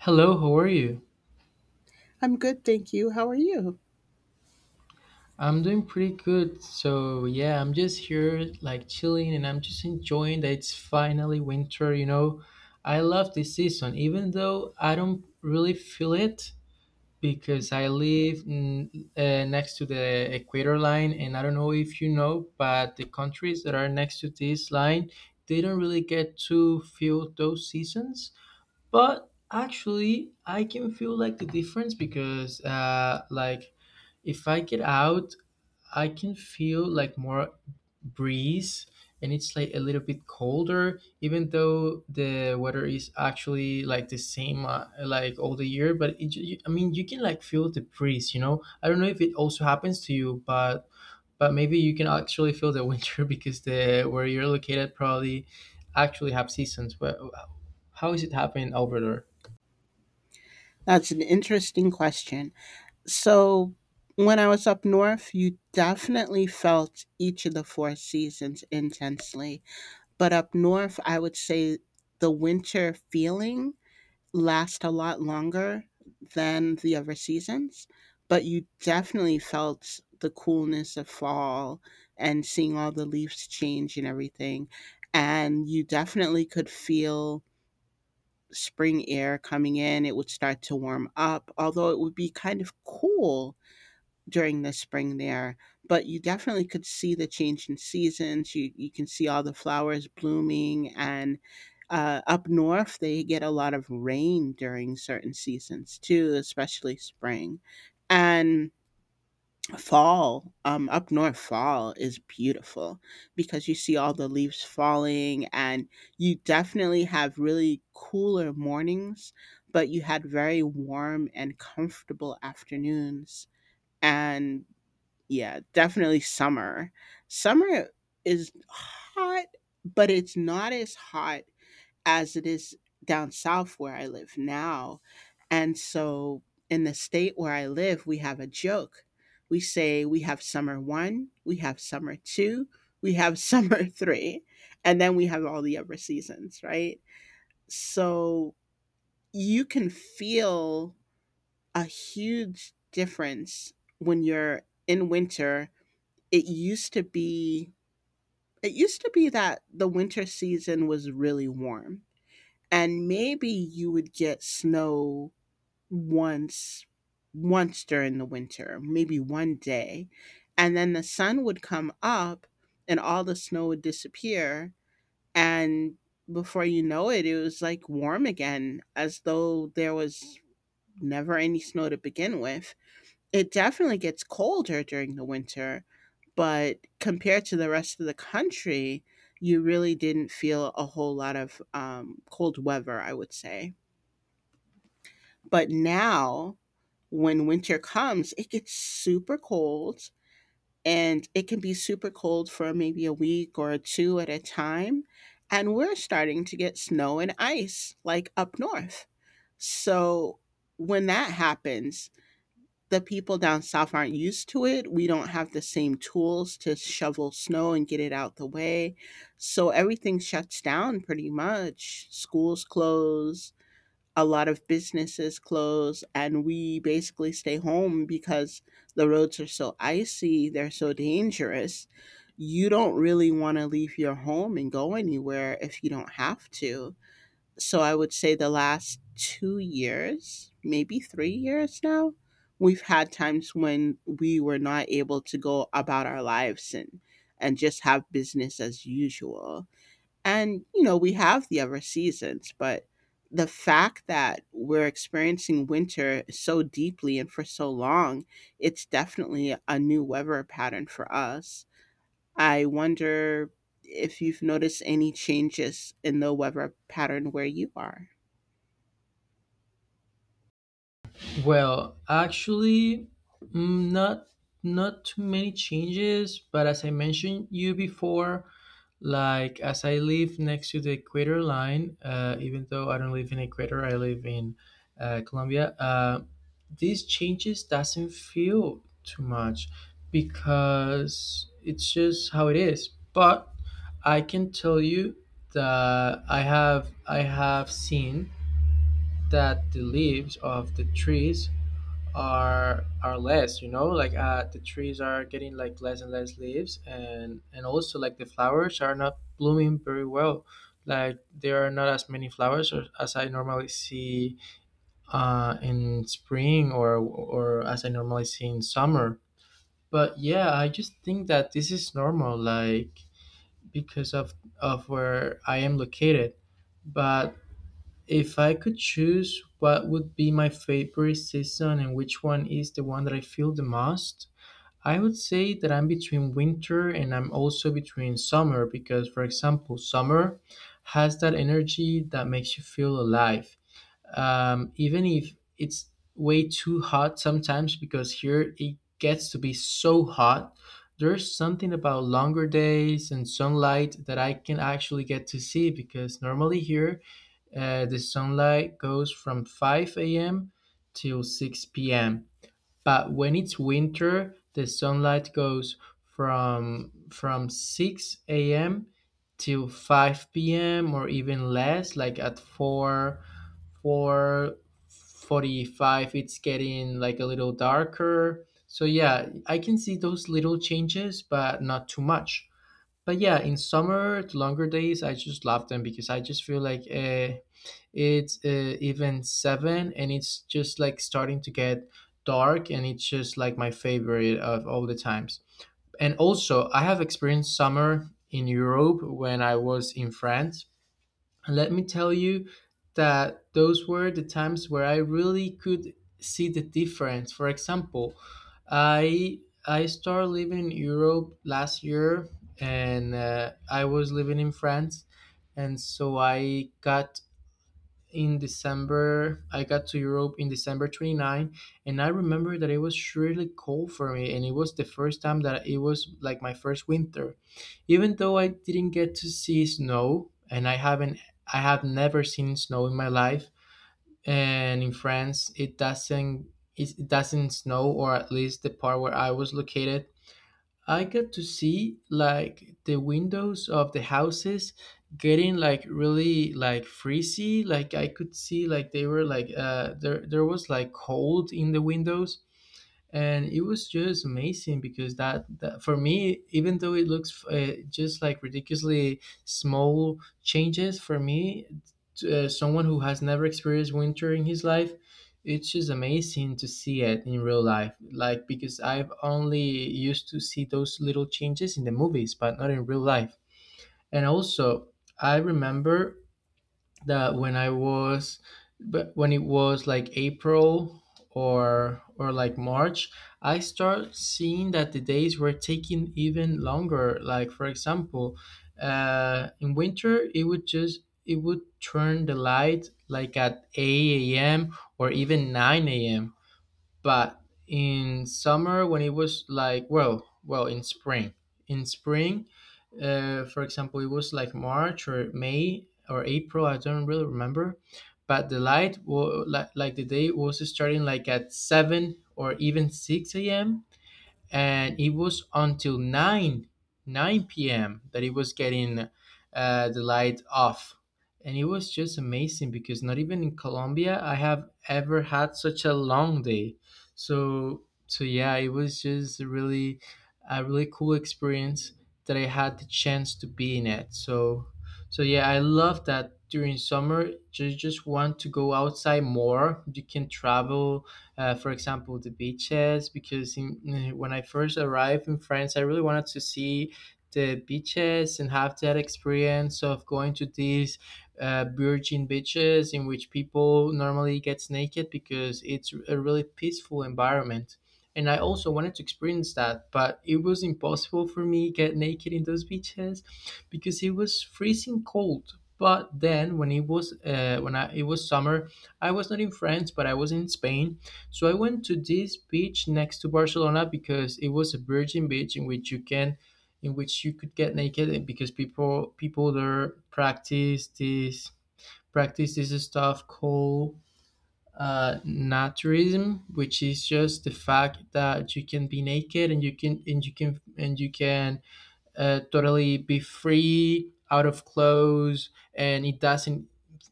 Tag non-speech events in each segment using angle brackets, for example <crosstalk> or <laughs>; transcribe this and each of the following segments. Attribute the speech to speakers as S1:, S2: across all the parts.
S1: Hello, how are you?
S2: I'm good, thank you. How are you?
S1: I'm doing pretty good. So, yeah, I'm just here like chilling and I'm just enjoying that it's finally winter. I love this season even though I don't really feel it because I live next to the equator line, and I don't know if you know, but the countries that are next to this line, they don't really get to feel those seasons. But actually, I can feel like the difference because like if I get out, I can feel like more breeze, and it's like a little bit colder even though the weather is actually like the same, like all the year, but I mean you can like feel the breeze. I don't know if it also happens to you, but maybe you can actually feel the winter <laughs> because the where you're located probably actually have seasons, but how is it happening over there?
S2: That's an interesting question. So, when I was up north, you definitely felt each of the four seasons intensely. But up north, I would say the winter feeling lasts a lot longer than the other seasons. But you definitely felt the coolness of fall and seeing all the leaves change and everything. And you definitely could feel spring air coming in. It would start to warm up, although it would be kind of cool during the spring there. But you definitely could see the change in seasons. You can see all the flowers blooming. And up north, they get a lot of rain during certain seasons too, especially spring. And fall, up north, fall is beautiful because you see all the leaves falling, and you definitely have really cooler mornings, but you had very warm and comfortable afternoons. And yeah, definitely summer. Summer is hot, but it's not as hot as it is down south where I live now. And so in the state where I live, we have a joke. We say we have summer one, we have summer two, we have <laughs> summer three, and then we have all the other seasons, right? So you can feel a huge difference when you're in winter. It used to be it used to be that the winter season was really warm and maybe you would get snow once once during the winter, maybe 1 day, and then the sun would come up and all the snow would disappear, and before you know it, it was like warm again as though there was never any snow to begin with. It definitely gets colder during the winter, but compared to the rest of the country, you really didn't feel a whole lot of cold weather, I would say. But now, when winter comes, it gets super cold, and it can be super cold for maybe a week or two at a time. And we're starting to get snow and ice like up north. So when that happens, the people down south aren't used to it. We don't have the same tools to shovel snow and get it out the way. So everything shuts down pretty much. Schools close, a lot of businesses close, and we basically stay home because the roads are so icy, they're so dangerous. You don't really want to leave your home and go anywhere if you don't have to. So I would say the last 2 years, maybe 3 years now, we've had times when we were not able to go about our lives and just have business as usual. And, you know, we have the other seasons, but the fact that we're experiencing winter so deeply and for so long, it's definitely a new weather pattern for us. I wonder if you've noticed any changes in the weather pattern where you are.
S1: Well, actually, mm, not not too many changes, but as I mentioned you before, like as I live next to the equator line, even though I don't live in equator, I live in Colombia. These changes doesn't feel too much because it's just how it is. But I can tell you that I have seen that the leaves of the trees are less, like, the trees are getting like less and less leaves, and also like the flowers are not blooming very well, like there are not as many flowers as I normally see in spring or as I normally see in summer. But yeah, I just think that this is normal like because of where I am located. But if I could choose what would be my favorite season and which one is the one that I feel the most, I would say that I'm between winter and I'm also between summer because, for example, summer has that energy that makes you feel alive. Even if it's way too hot sometimes, because here it gets to be so hot, there's something about longer days and sunlight that I can actually get to see because normally here, the sunlight goes from 5 a.m. till 6 p.m. But when it's winter, the sunlight goes from 6 a.m. till 5 p.m. or even less, like at 4 4:45, it's getting like a little darker. So yeah, I can see those little changes, but not too much. But yeah, in summer, the longer days, I just love them because I just feel like, it's, even seven, and it's just like starting to get dark, and it's just like my favorite of all the times. And also I have experienced summer in Europe when I was in France, and let me tell you that those were the times where I really could see the difference. For example, i I started living in Europe last year, and I was living in France. And so I got in December. I got to Europe in December 29, and I remember that it was really cold for me, and it was the first time that it was like my first winter. Even though I didn't get to see snow, and I haven't, I have never seen snow in my life. And in France, it doesn't, it doesn't snow, or at least the part where I was located. I got to see like the windows of the houses getting like really like freezy. Like I could see like they were like there was like cold in the windows, and it was just amazing because that for me, even though it looks, just like ridiculously small changes for me, someone who has never experienced winter in his life, it's just amazing to see it in real life, like because I've only used to see those little changes in the movies but not in real life. And also I remember that but when it was like April or like March, I start seeing that the days were taking even longer. Like for example, in winter it would turn the light like at 8 a.m. or even 9 a.m., but in summer when it was like well, in spring, for example, it was like March or May or April, I don't really remember, but the light like, the day was starting like at 7 or even 6 a.m., and it was until 9 p.m. that it was getting, the light off. And it was just amazing because not even in Colombia I have ever had such a long day. So yeah, it was just really a really cool experience that I had the chance to be in it. So yeah, I love that during summer you just want to go outside more, you can travel, for example, the beaches, because when I first arrived in France, I really wanted to see the beaches and have that experience of going to these virgin beaches in which people normally get naked because it's a really peaceful environment. And I also wanted to experience that, but it was impossible for me get naked in those beaches because it was freezing cold. But then when it was when I, it was summer, I was not in France, but I was in Spain, so I went to this beach next to Barcelona because it was a virgin beach in which you could get naked, and because people there practice this stuff called naturism, which is just the fact that you can be naked, and you can totally be free out of clothes, and it doesn't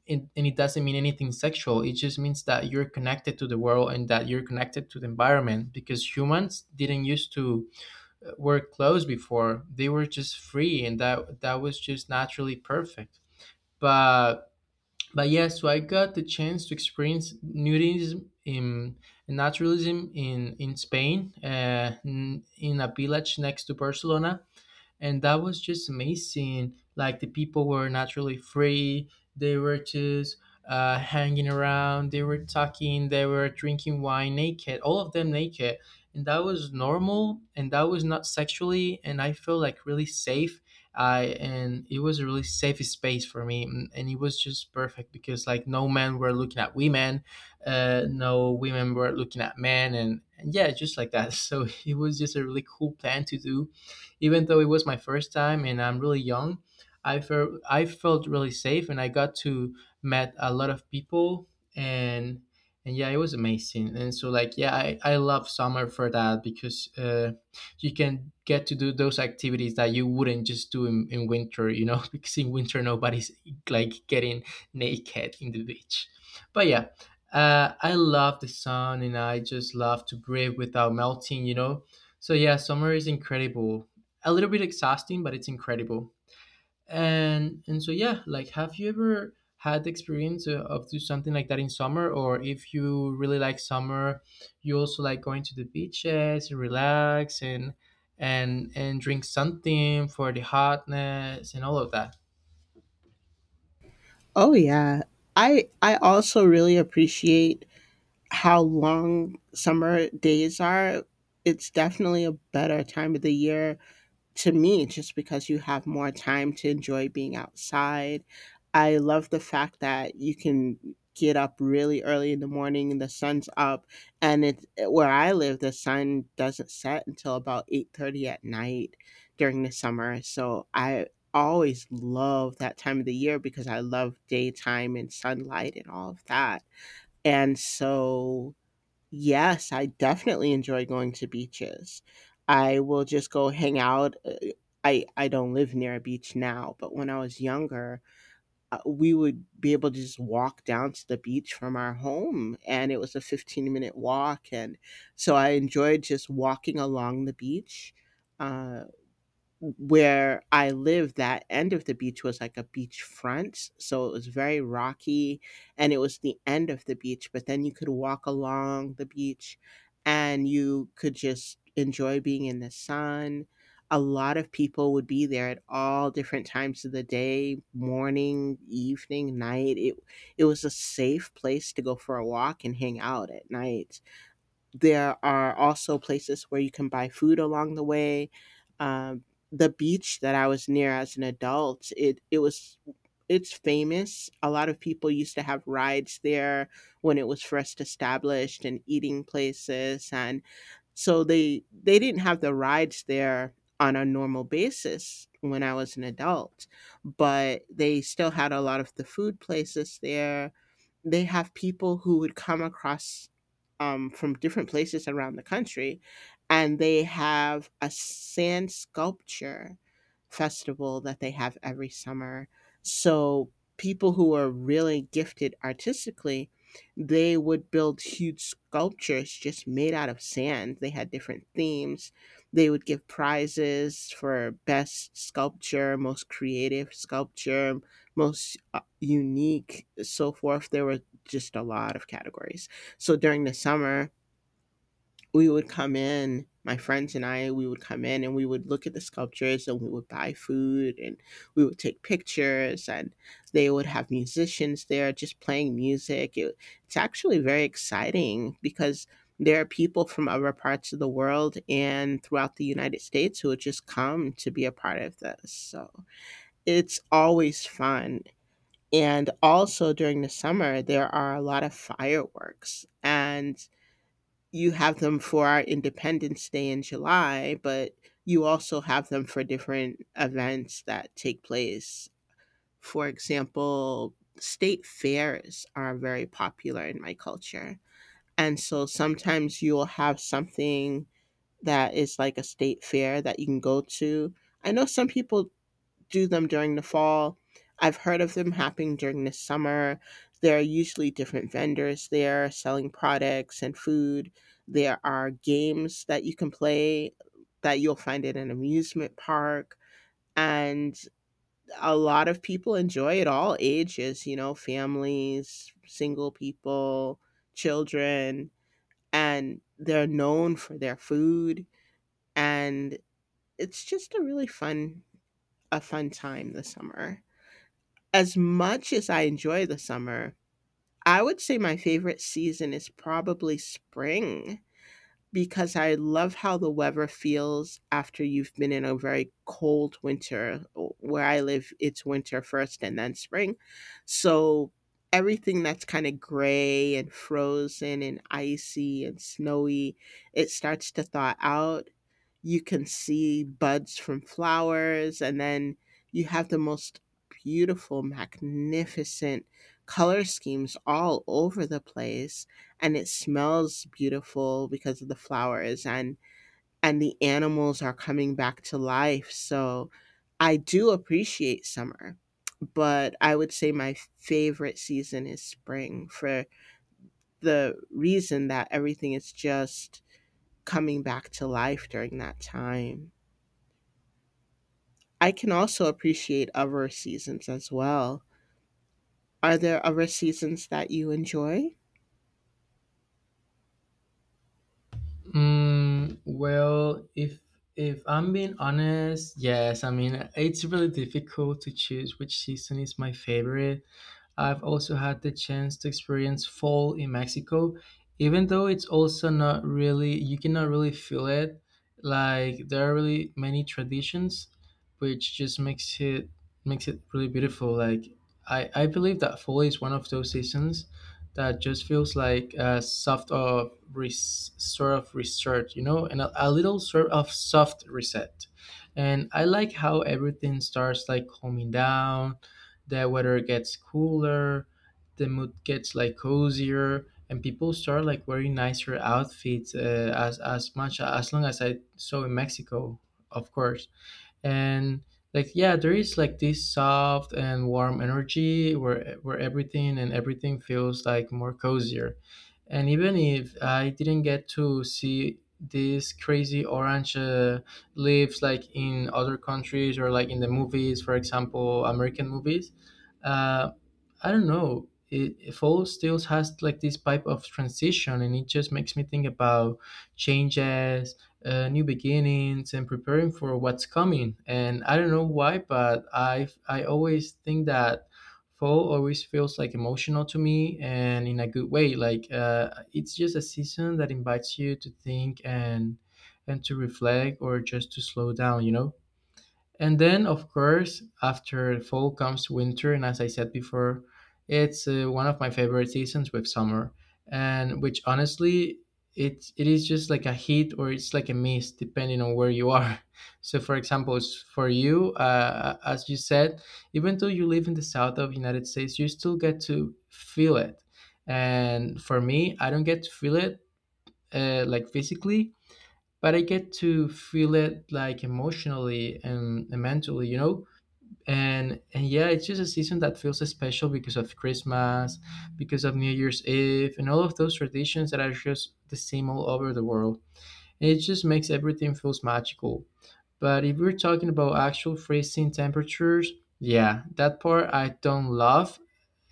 S1: it, and it doesn't mean anything sexual. It just means that you're connected to the world and that you're connected to the environment because humans didn't used to wear clothes before. They were just free, and that was just naturally perfect. But but yeah, so I got the chance to experience nudism in naturalism in Spain, in a village next to Barcelona. And that was just amazing, like the people were naturally free. They were just hanging around, they were talking, they were drinking wine naked, all of them naked, and that was normal, and that was not sexually, and I felt like really safe I and it was a really safe space for me, and it was just perfect because like no men were looking at women, no women were looking at men, and yeah, just like that <laughs> so it was just a really cool plan to do. Even though it was my first time and I'm really young, I felt really safe, and I got to met a lot of people. And and yeah, it was amazing. And so like yeah, I love summer for that because you can get to do those activities that you wouldn't just do in winter, <laughs> because in winter nobody's like getting naked in the beach. But yeah, I love the sun, and I just love to breathe without melting. So yeah, summer is incredible, a little bit exhausting, but it's incredible. And so yeah, like have you ever had the experience of do something like that in summer, or if you really like summer, you also like going to the beaches and relax, and drink something for the hotness and all of that.
S2: Oh yeah. I also really appreciate how long summer days are. It's definitely a better time of the year to me just because you have more time to enjoy being outside. I love the fact that you can get up really early in the morning and the sun's up, and it where I live the sun doesn't set until about 8:30 at night during the summer. So I always love that time of the year because I love daytime and sunlight and all of that. And so yes, I definitely enjoy going to beaches. I will just go hang out. I don't live near a beach now, but when I was younger, we would be able to just walk down to the beach from our home, and it was a 15-minute walk. And so I enjoyed just walking along the beach. Uh, where I lived, that end of the beach was like a beach front. So it was very rocky and it was the end of the beach. But then you could walk along the beach and you could just enjoy being in the sun. A lot of people would be there at all different times of the day, morning, evening, night. It was a safe place to go for a walk and hang out at night. There are also places where you can buy food along the way. Um, the beach that I was near as an adult, it was it's famous. A lot of people used to have rides there when it was first established and eating places, and so they didn't have the rides there on a normal basis when I was an adult, but they still had a lot of the food places there. They have people who would come across from different places around the country, and they have a sand sculpture festival that they have every summer. So people who are really gifted artistically, they would build huge sculptures just made out of sand. They had different themes. They would give prizes for best sculpture, most creative sculpture, most unique, so forth. There were just a lot of categories. So during the summer, we would come in, my friends and I, we would come in and we would look at the sculptures and we would buy food and we would take pictures, and they would have musicians there just playing music. It's actually very exciting because there are people from other parts of the world and throughout the United States who would just come to be a part of this. So it's always fun. And also during the summer, there are a lot of fireworks. And you have them for our Independence Day in July, but you also have them for different events that take place. For example, state fairs are very popular in my culture. And so sometimes you'll have something that is like a state fair that you can go to. I know some people do them during the fall. I've heard of them happening during the summer. There are usually different vendors there selling products and food. There are games that you can play that you'll find at an amusement park. And a lot of people enjoy it, all ages, you know, families, single people, children. And they're known for their food. And it's just a really fun, a fun time this summer. As much as I enjoy the summer, I would say my favorite season is probably spring because I love how the weather feels after you've been in a very cold winter. Where I live, it's winter first and then spring. So everything that's kind of gray and frozen and icy and snowy, it starts to thaw out. You can see buds from flowers, and then you have the most beautiful, magnificent color schemes all over the place, and it smells beautiful because of the flowers, and the animals are coming back to life. So I do appreciate summer, but I would say my favorite season is spring for the reason that everything is just coming back to life during that time. I can also appreciate other seasons as well. Are there other seasons that you enjoy?
S1: Well, if I'm being honest, yes. I mean, it's really difficult to choose which season is my favorite. I've also had the chance to experience fall in Mexico, even though it's also not really, you cannot really feel it. Like there are really many traditions, which just makes it really beautiful. Like I believe that fall is one of those seasons that just feels like a soft of res, sort of reset, and a little sort of soft reset. And I like how everything starts like calming down, the weather gets cooler, the mood gets like cozier, and people start like wearing nicer outfits, as much as long as I saw in Mexico, of course. And like yeah, there is like this soft and warm energy where everything and everything feels like more cozier. And even if I didn't get to see these crazy orange leaves like in other countries or like in the movies, for example, American movies. uh, I don't know. It fall still has like this type of transition, and it just makes me think about changes, new beginnings, and preparing for what's coming. And I don't know why, but I always think that fall always feels like emotional to me, and in a good way. Like it's just a season that invites you to think and to reflect, or just to slow down. You know. And then, of course, after fall comes winter, and as I said before, it's one of my favorite seasons with summer, and which honestly, it is just like a heat or it's like a mist depending on where you are. <laughs> So, for example, for you, as you said, even though you live in the south of United States, you still get to feel it. And for me, I don't get to feel it like physically, but I get to feel it like emotionally and mentally, you know. And yeah, it's just a season that feels special because of Christmas, because of New Year's Eve, and all of those traditions that are just the same all over the world. And it just makes everything feels magical. But if we're talking about actual freezing temperatures, yeah, that part I don't love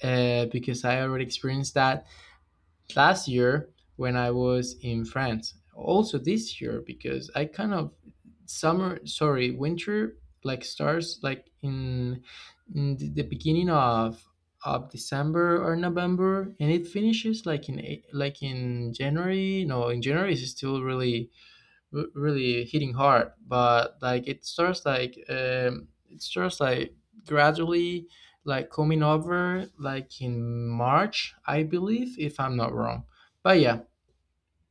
S1: because I already experienced that last year when I was in France. Also this year because I kind of summer, sorry, winter like starts like in the beginning of December or November and it finishes like like in January. No, in January it's still really really hitting hard but like it starts like it starts like gradually like coming over like in March, I believe, if I'm not wrong. But yeah,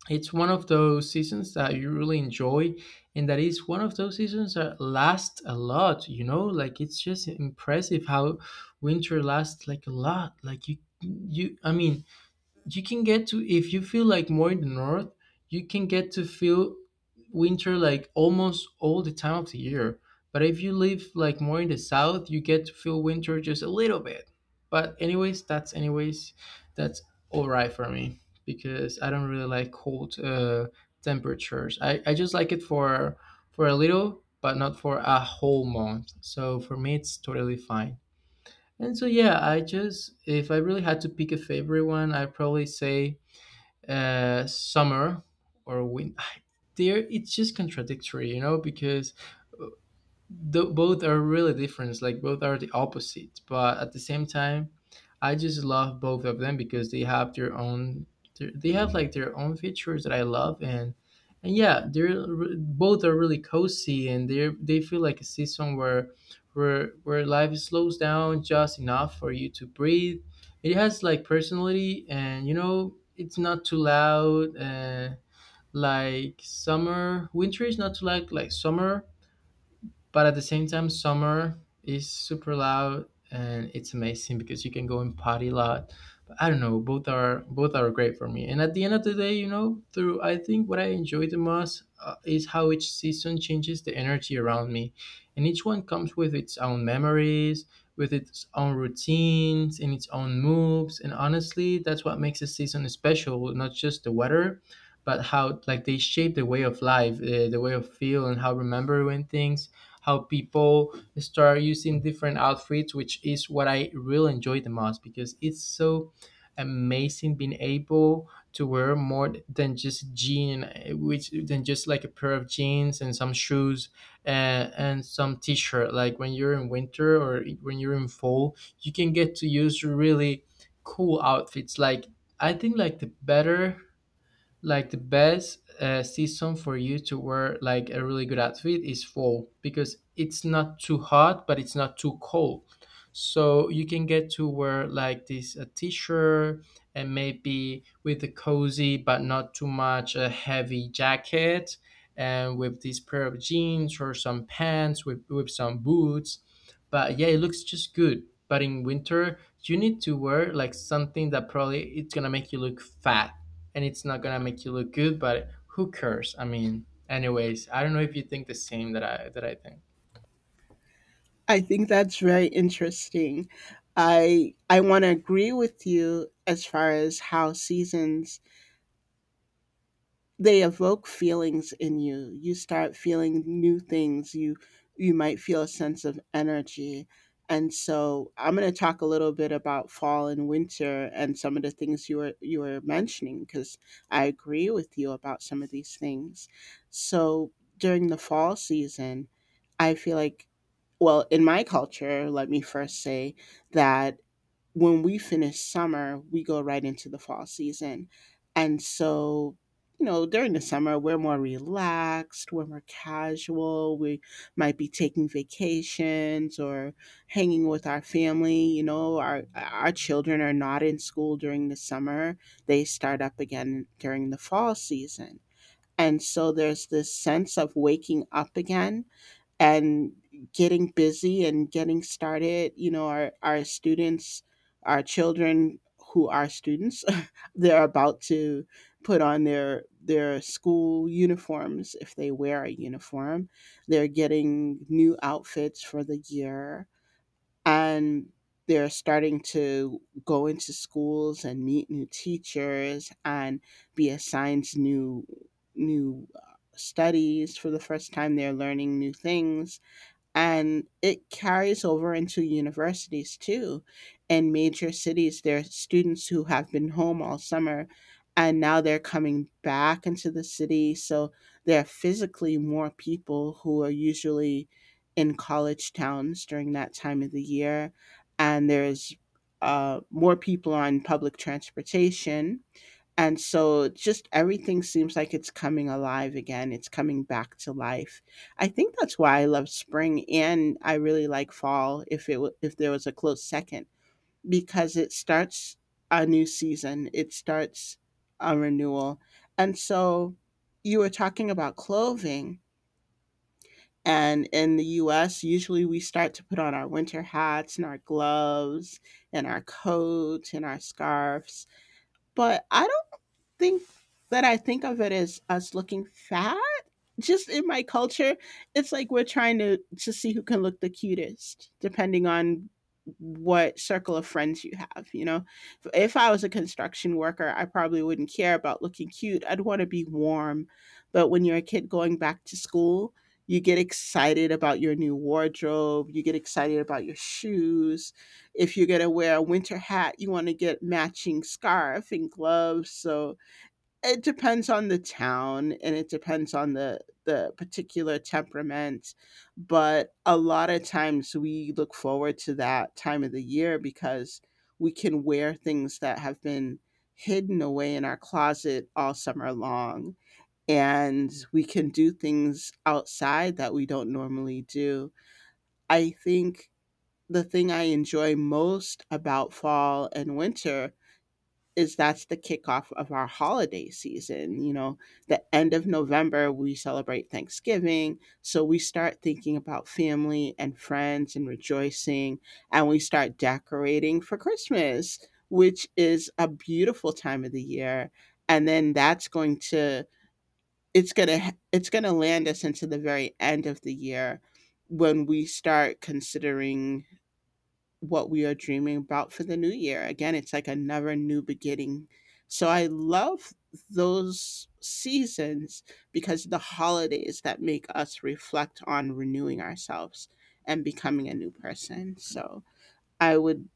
S1: it's one of those seasons that you really enjoy and that is one of those seasons that last a lot, you know, like it's just impressive how winter lasts like a lot. Like you I mean, you can get to, if you feel like more in the north, you can get to feel winter like almost all the time of the year. But if you live like more in the south, you get to feel winter just a little bit. But anyways, that's all right for me, because I don't really like cold temperatures. I just like it for a little, but not for a whole month. So for me, it's totally fine. And so yeah, I just, if I really had to pick a favorite one, I'd probably say summer or winter. <laughs> <sighs> There, it's just contradictory, you know, because both are really different. Like, both are the opposite, but at the same time, I just love both of them because they have their own. They have like their own features that I love, and yeah, they're both are really cozy, and they feel like a season where where life slows down just enough for you to breathe. It has like personality, and you know it's not too loud. Like summer, winter is not too like summer but at the same time summer is super loud, and it's amazing because you can go and party a lot. But I don't know, both are great for me. And at the end of the day, you know, through, I think what I enjoy the most is how each season changes the energy around me, and each one comes with its own memories, with its own routines and its own moves. And honestly, that's what makes a season special, not just the weather, but how like they shape the way of life, the way of feel and how remembering things, how people start using different outfits, which is what I really enjoy the most because it's so amazing being able to wear more than just jean, which than just like a pair of jeans and some shoes and some t-shirt. Like when you're in winter or when you're in fall, you can get to use really cool outfits. Like, I think like the better like the best season for you to wear like a really good outfit is fall, because it's not too hot but it's not too cold. So you can get to wear like this a t-shirt, and maybe with a cozy but not too much a heavy jacket, and with this pair of jeans or some pants with, some boots. But yeah, it looks just good. But in winter, you need to wear like something that probably it's gonna make you look fat, and it's not gonna make you look good. But who cares? I mean, anyways, I don't know if you think the same that I think.
S2: I think that's very interesting. I want to agree with you as far as how seasons they evoke feelings in you. You start feeling new things, you might feel a sense of energy. And so I'm going to talk a little bit about fall and winter and some of the things you were mentioning, because I agree with you about some of these things. So during the fall season, I feel like, well, in my culture, let me first say that when we finish summer, we go right into the fall season. And so, you know, during the summer, we're more relaxed, we're more casual, we might be taking vacations or hanging with our family. You know, our children are not in school during the summer, they start up again during the fall season. And so there's this sense of waking up again and getting busy and getting started. You know, our students, our children who are students <laughs> they're about to put on their school uniforms if they wear a uniform. They're getting new outfits for the year, and they're starting to go into schools and meet new teachers and be assigned new studies for the first time. They're learning new things, and it carries over into universities too. In major cities, there are students who have been home all summer and now they're coming back into the city, so there are physically more people who are usually in college towns during that time of the year. And there's more people on public transportation. And so just everything seems like it's coming alive again, it's coming back to life. I think that's why I love spring, and I really like fall if it if there was a close second, because it starts a new season, it starts a renewal. And so you were talking about clothing, and in the US usually we start to put on our winter hats and our gloves and our coats and our scarves, but think I think of it as us looking fat. Just in my culture, it's like we're trying to see who can look the cutest, depending on what circle of friends you have. You know, if I was a construction worker, I probably wouldn't care about looking cute. I'd want to be warm. But when you're a kid going back to school, you get excited about your new wardrobe. You get excited about your shoes. If you're going to wear a winter hat, you want to get matching scarf and gloves. So, it depends on the town and it depends on the particular temperament, but a lot of times we look forward to that time of the year because we can wear things that have been hidden away in our closet all summer long, and we can do things outside that we don't normally do. I think the thing I enjoy most about fall and winter is that's the kickoff of our holiday season. You know, the end of November, we celebrate Thanksgiving. So we start thinking about family and friends and rejoicing, and we start decorating for Christmas, which is a beautiful time of the year. And then that's going to, it's going to, it's going to land us into the very end of the year when we start considering what we are dreaming about for the new year. Again, it's like another new beginning. So I love those seasons because the holidays that make us reflect on renewing ourselves and becoming a new person. So I would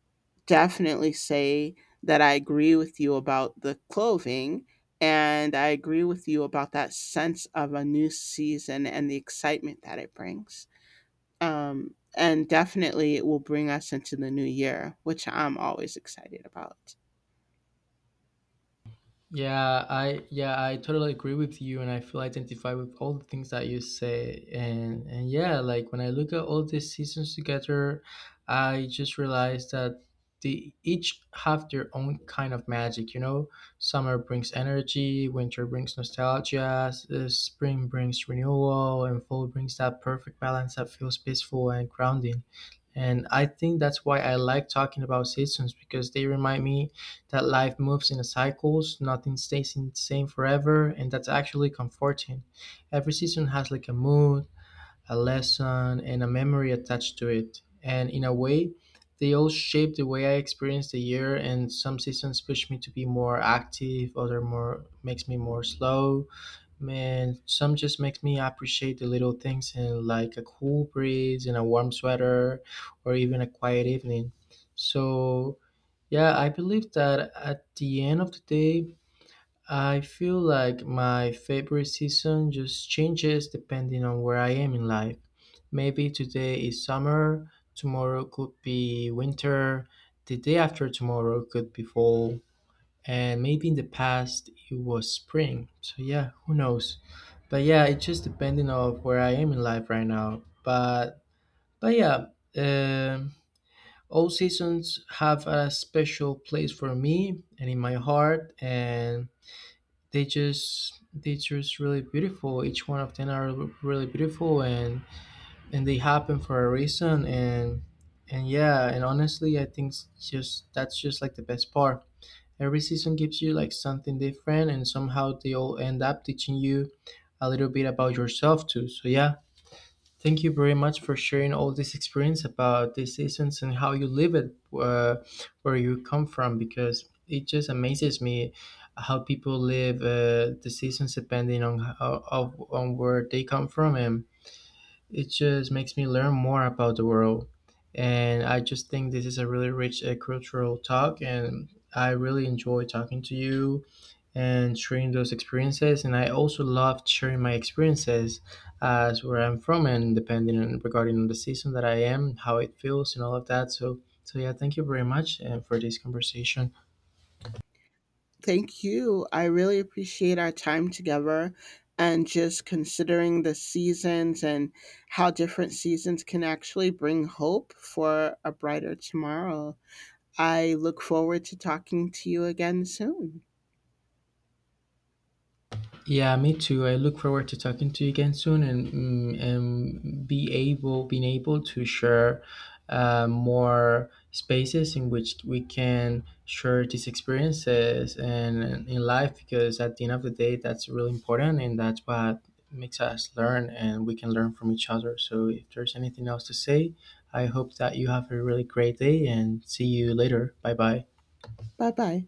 S2: definitely say that I agree with you about the clothing, and I agree with you about that sense of a new season and the excitement that it brings. And definitely it will bring us into the new year, which I'm always excited about.
S1: Yeah, I totally agree with you and I feel identified with all the things that you say. And yeah, like when I look at all these seasons together, I just realized that they each have their own kind of magic, you know? Summer brings energy, winter brings nostalgia, spring brings renewal, and fall brings that perfect balance that feels peaceful and grounding. And I think that's why I like talking about seasons, because they remind me that life moves in cycles, nothing stays in the same forever, and that's actually comforting. Every season has like a mood, a lesson, and a memory attached to it. And in a way, they all shape the way I experience the year, and some seasons push me to be more active, other more makes me more slow. Man, some just makes me appreciate the little things and like a cool breeze and a warm sweater, or even a quiet evening. So yeah, I believe that at the end of the day, I feel like my favorite season just changes depending on where I am in life. Maybe today is summer, tomorrow could be winter, the day after tomorrow could be fall, and maybe in the past it was spring. So yeah, who knows? But yeah, it's just depending on where I am in life right now. But yeah, um all seasons have a special place for me and in my heart, and they just really beautiful. Each one of them are really beautiful, and they happen for a reason. And yeah, and honestly, I think it's just that's just like the best part. Every season gives you like something different, and somehow they all end up teaching you a little bit about yourself too. So yeah, thank you very much for sharing all this experience about the seasons and how you live it, where you come from, because it just amazes me how people live the seasons depending on how, of, on where they come from, and it just makes me learn more about the world. And I just think this is a really rich cultural talk, and I really enjoy talking to you and sharing those experiences. And I also love sharing my experiences as where I'm from and depending on regarding on the season that I am, how it feels, and all of that. So, so yeah, thank you very much and for this conversation.
S2: Thank you. I really appreciate our time together and just considering the seasons and how different seasons can actually bring hope for a brighter tomorrow. I look forward to talking to you again soon.
S1: Yeah, me too. I look forward to talking to you again soon and and be able being able to share more spaces in which we can share these experiences and in life, because at the end of the day that's really important, and that's what makes us learn and we can learn from each other. So if there's anything else to say, I hope that you have a really great day and see you later. Bye bye.
S2: Bye bye.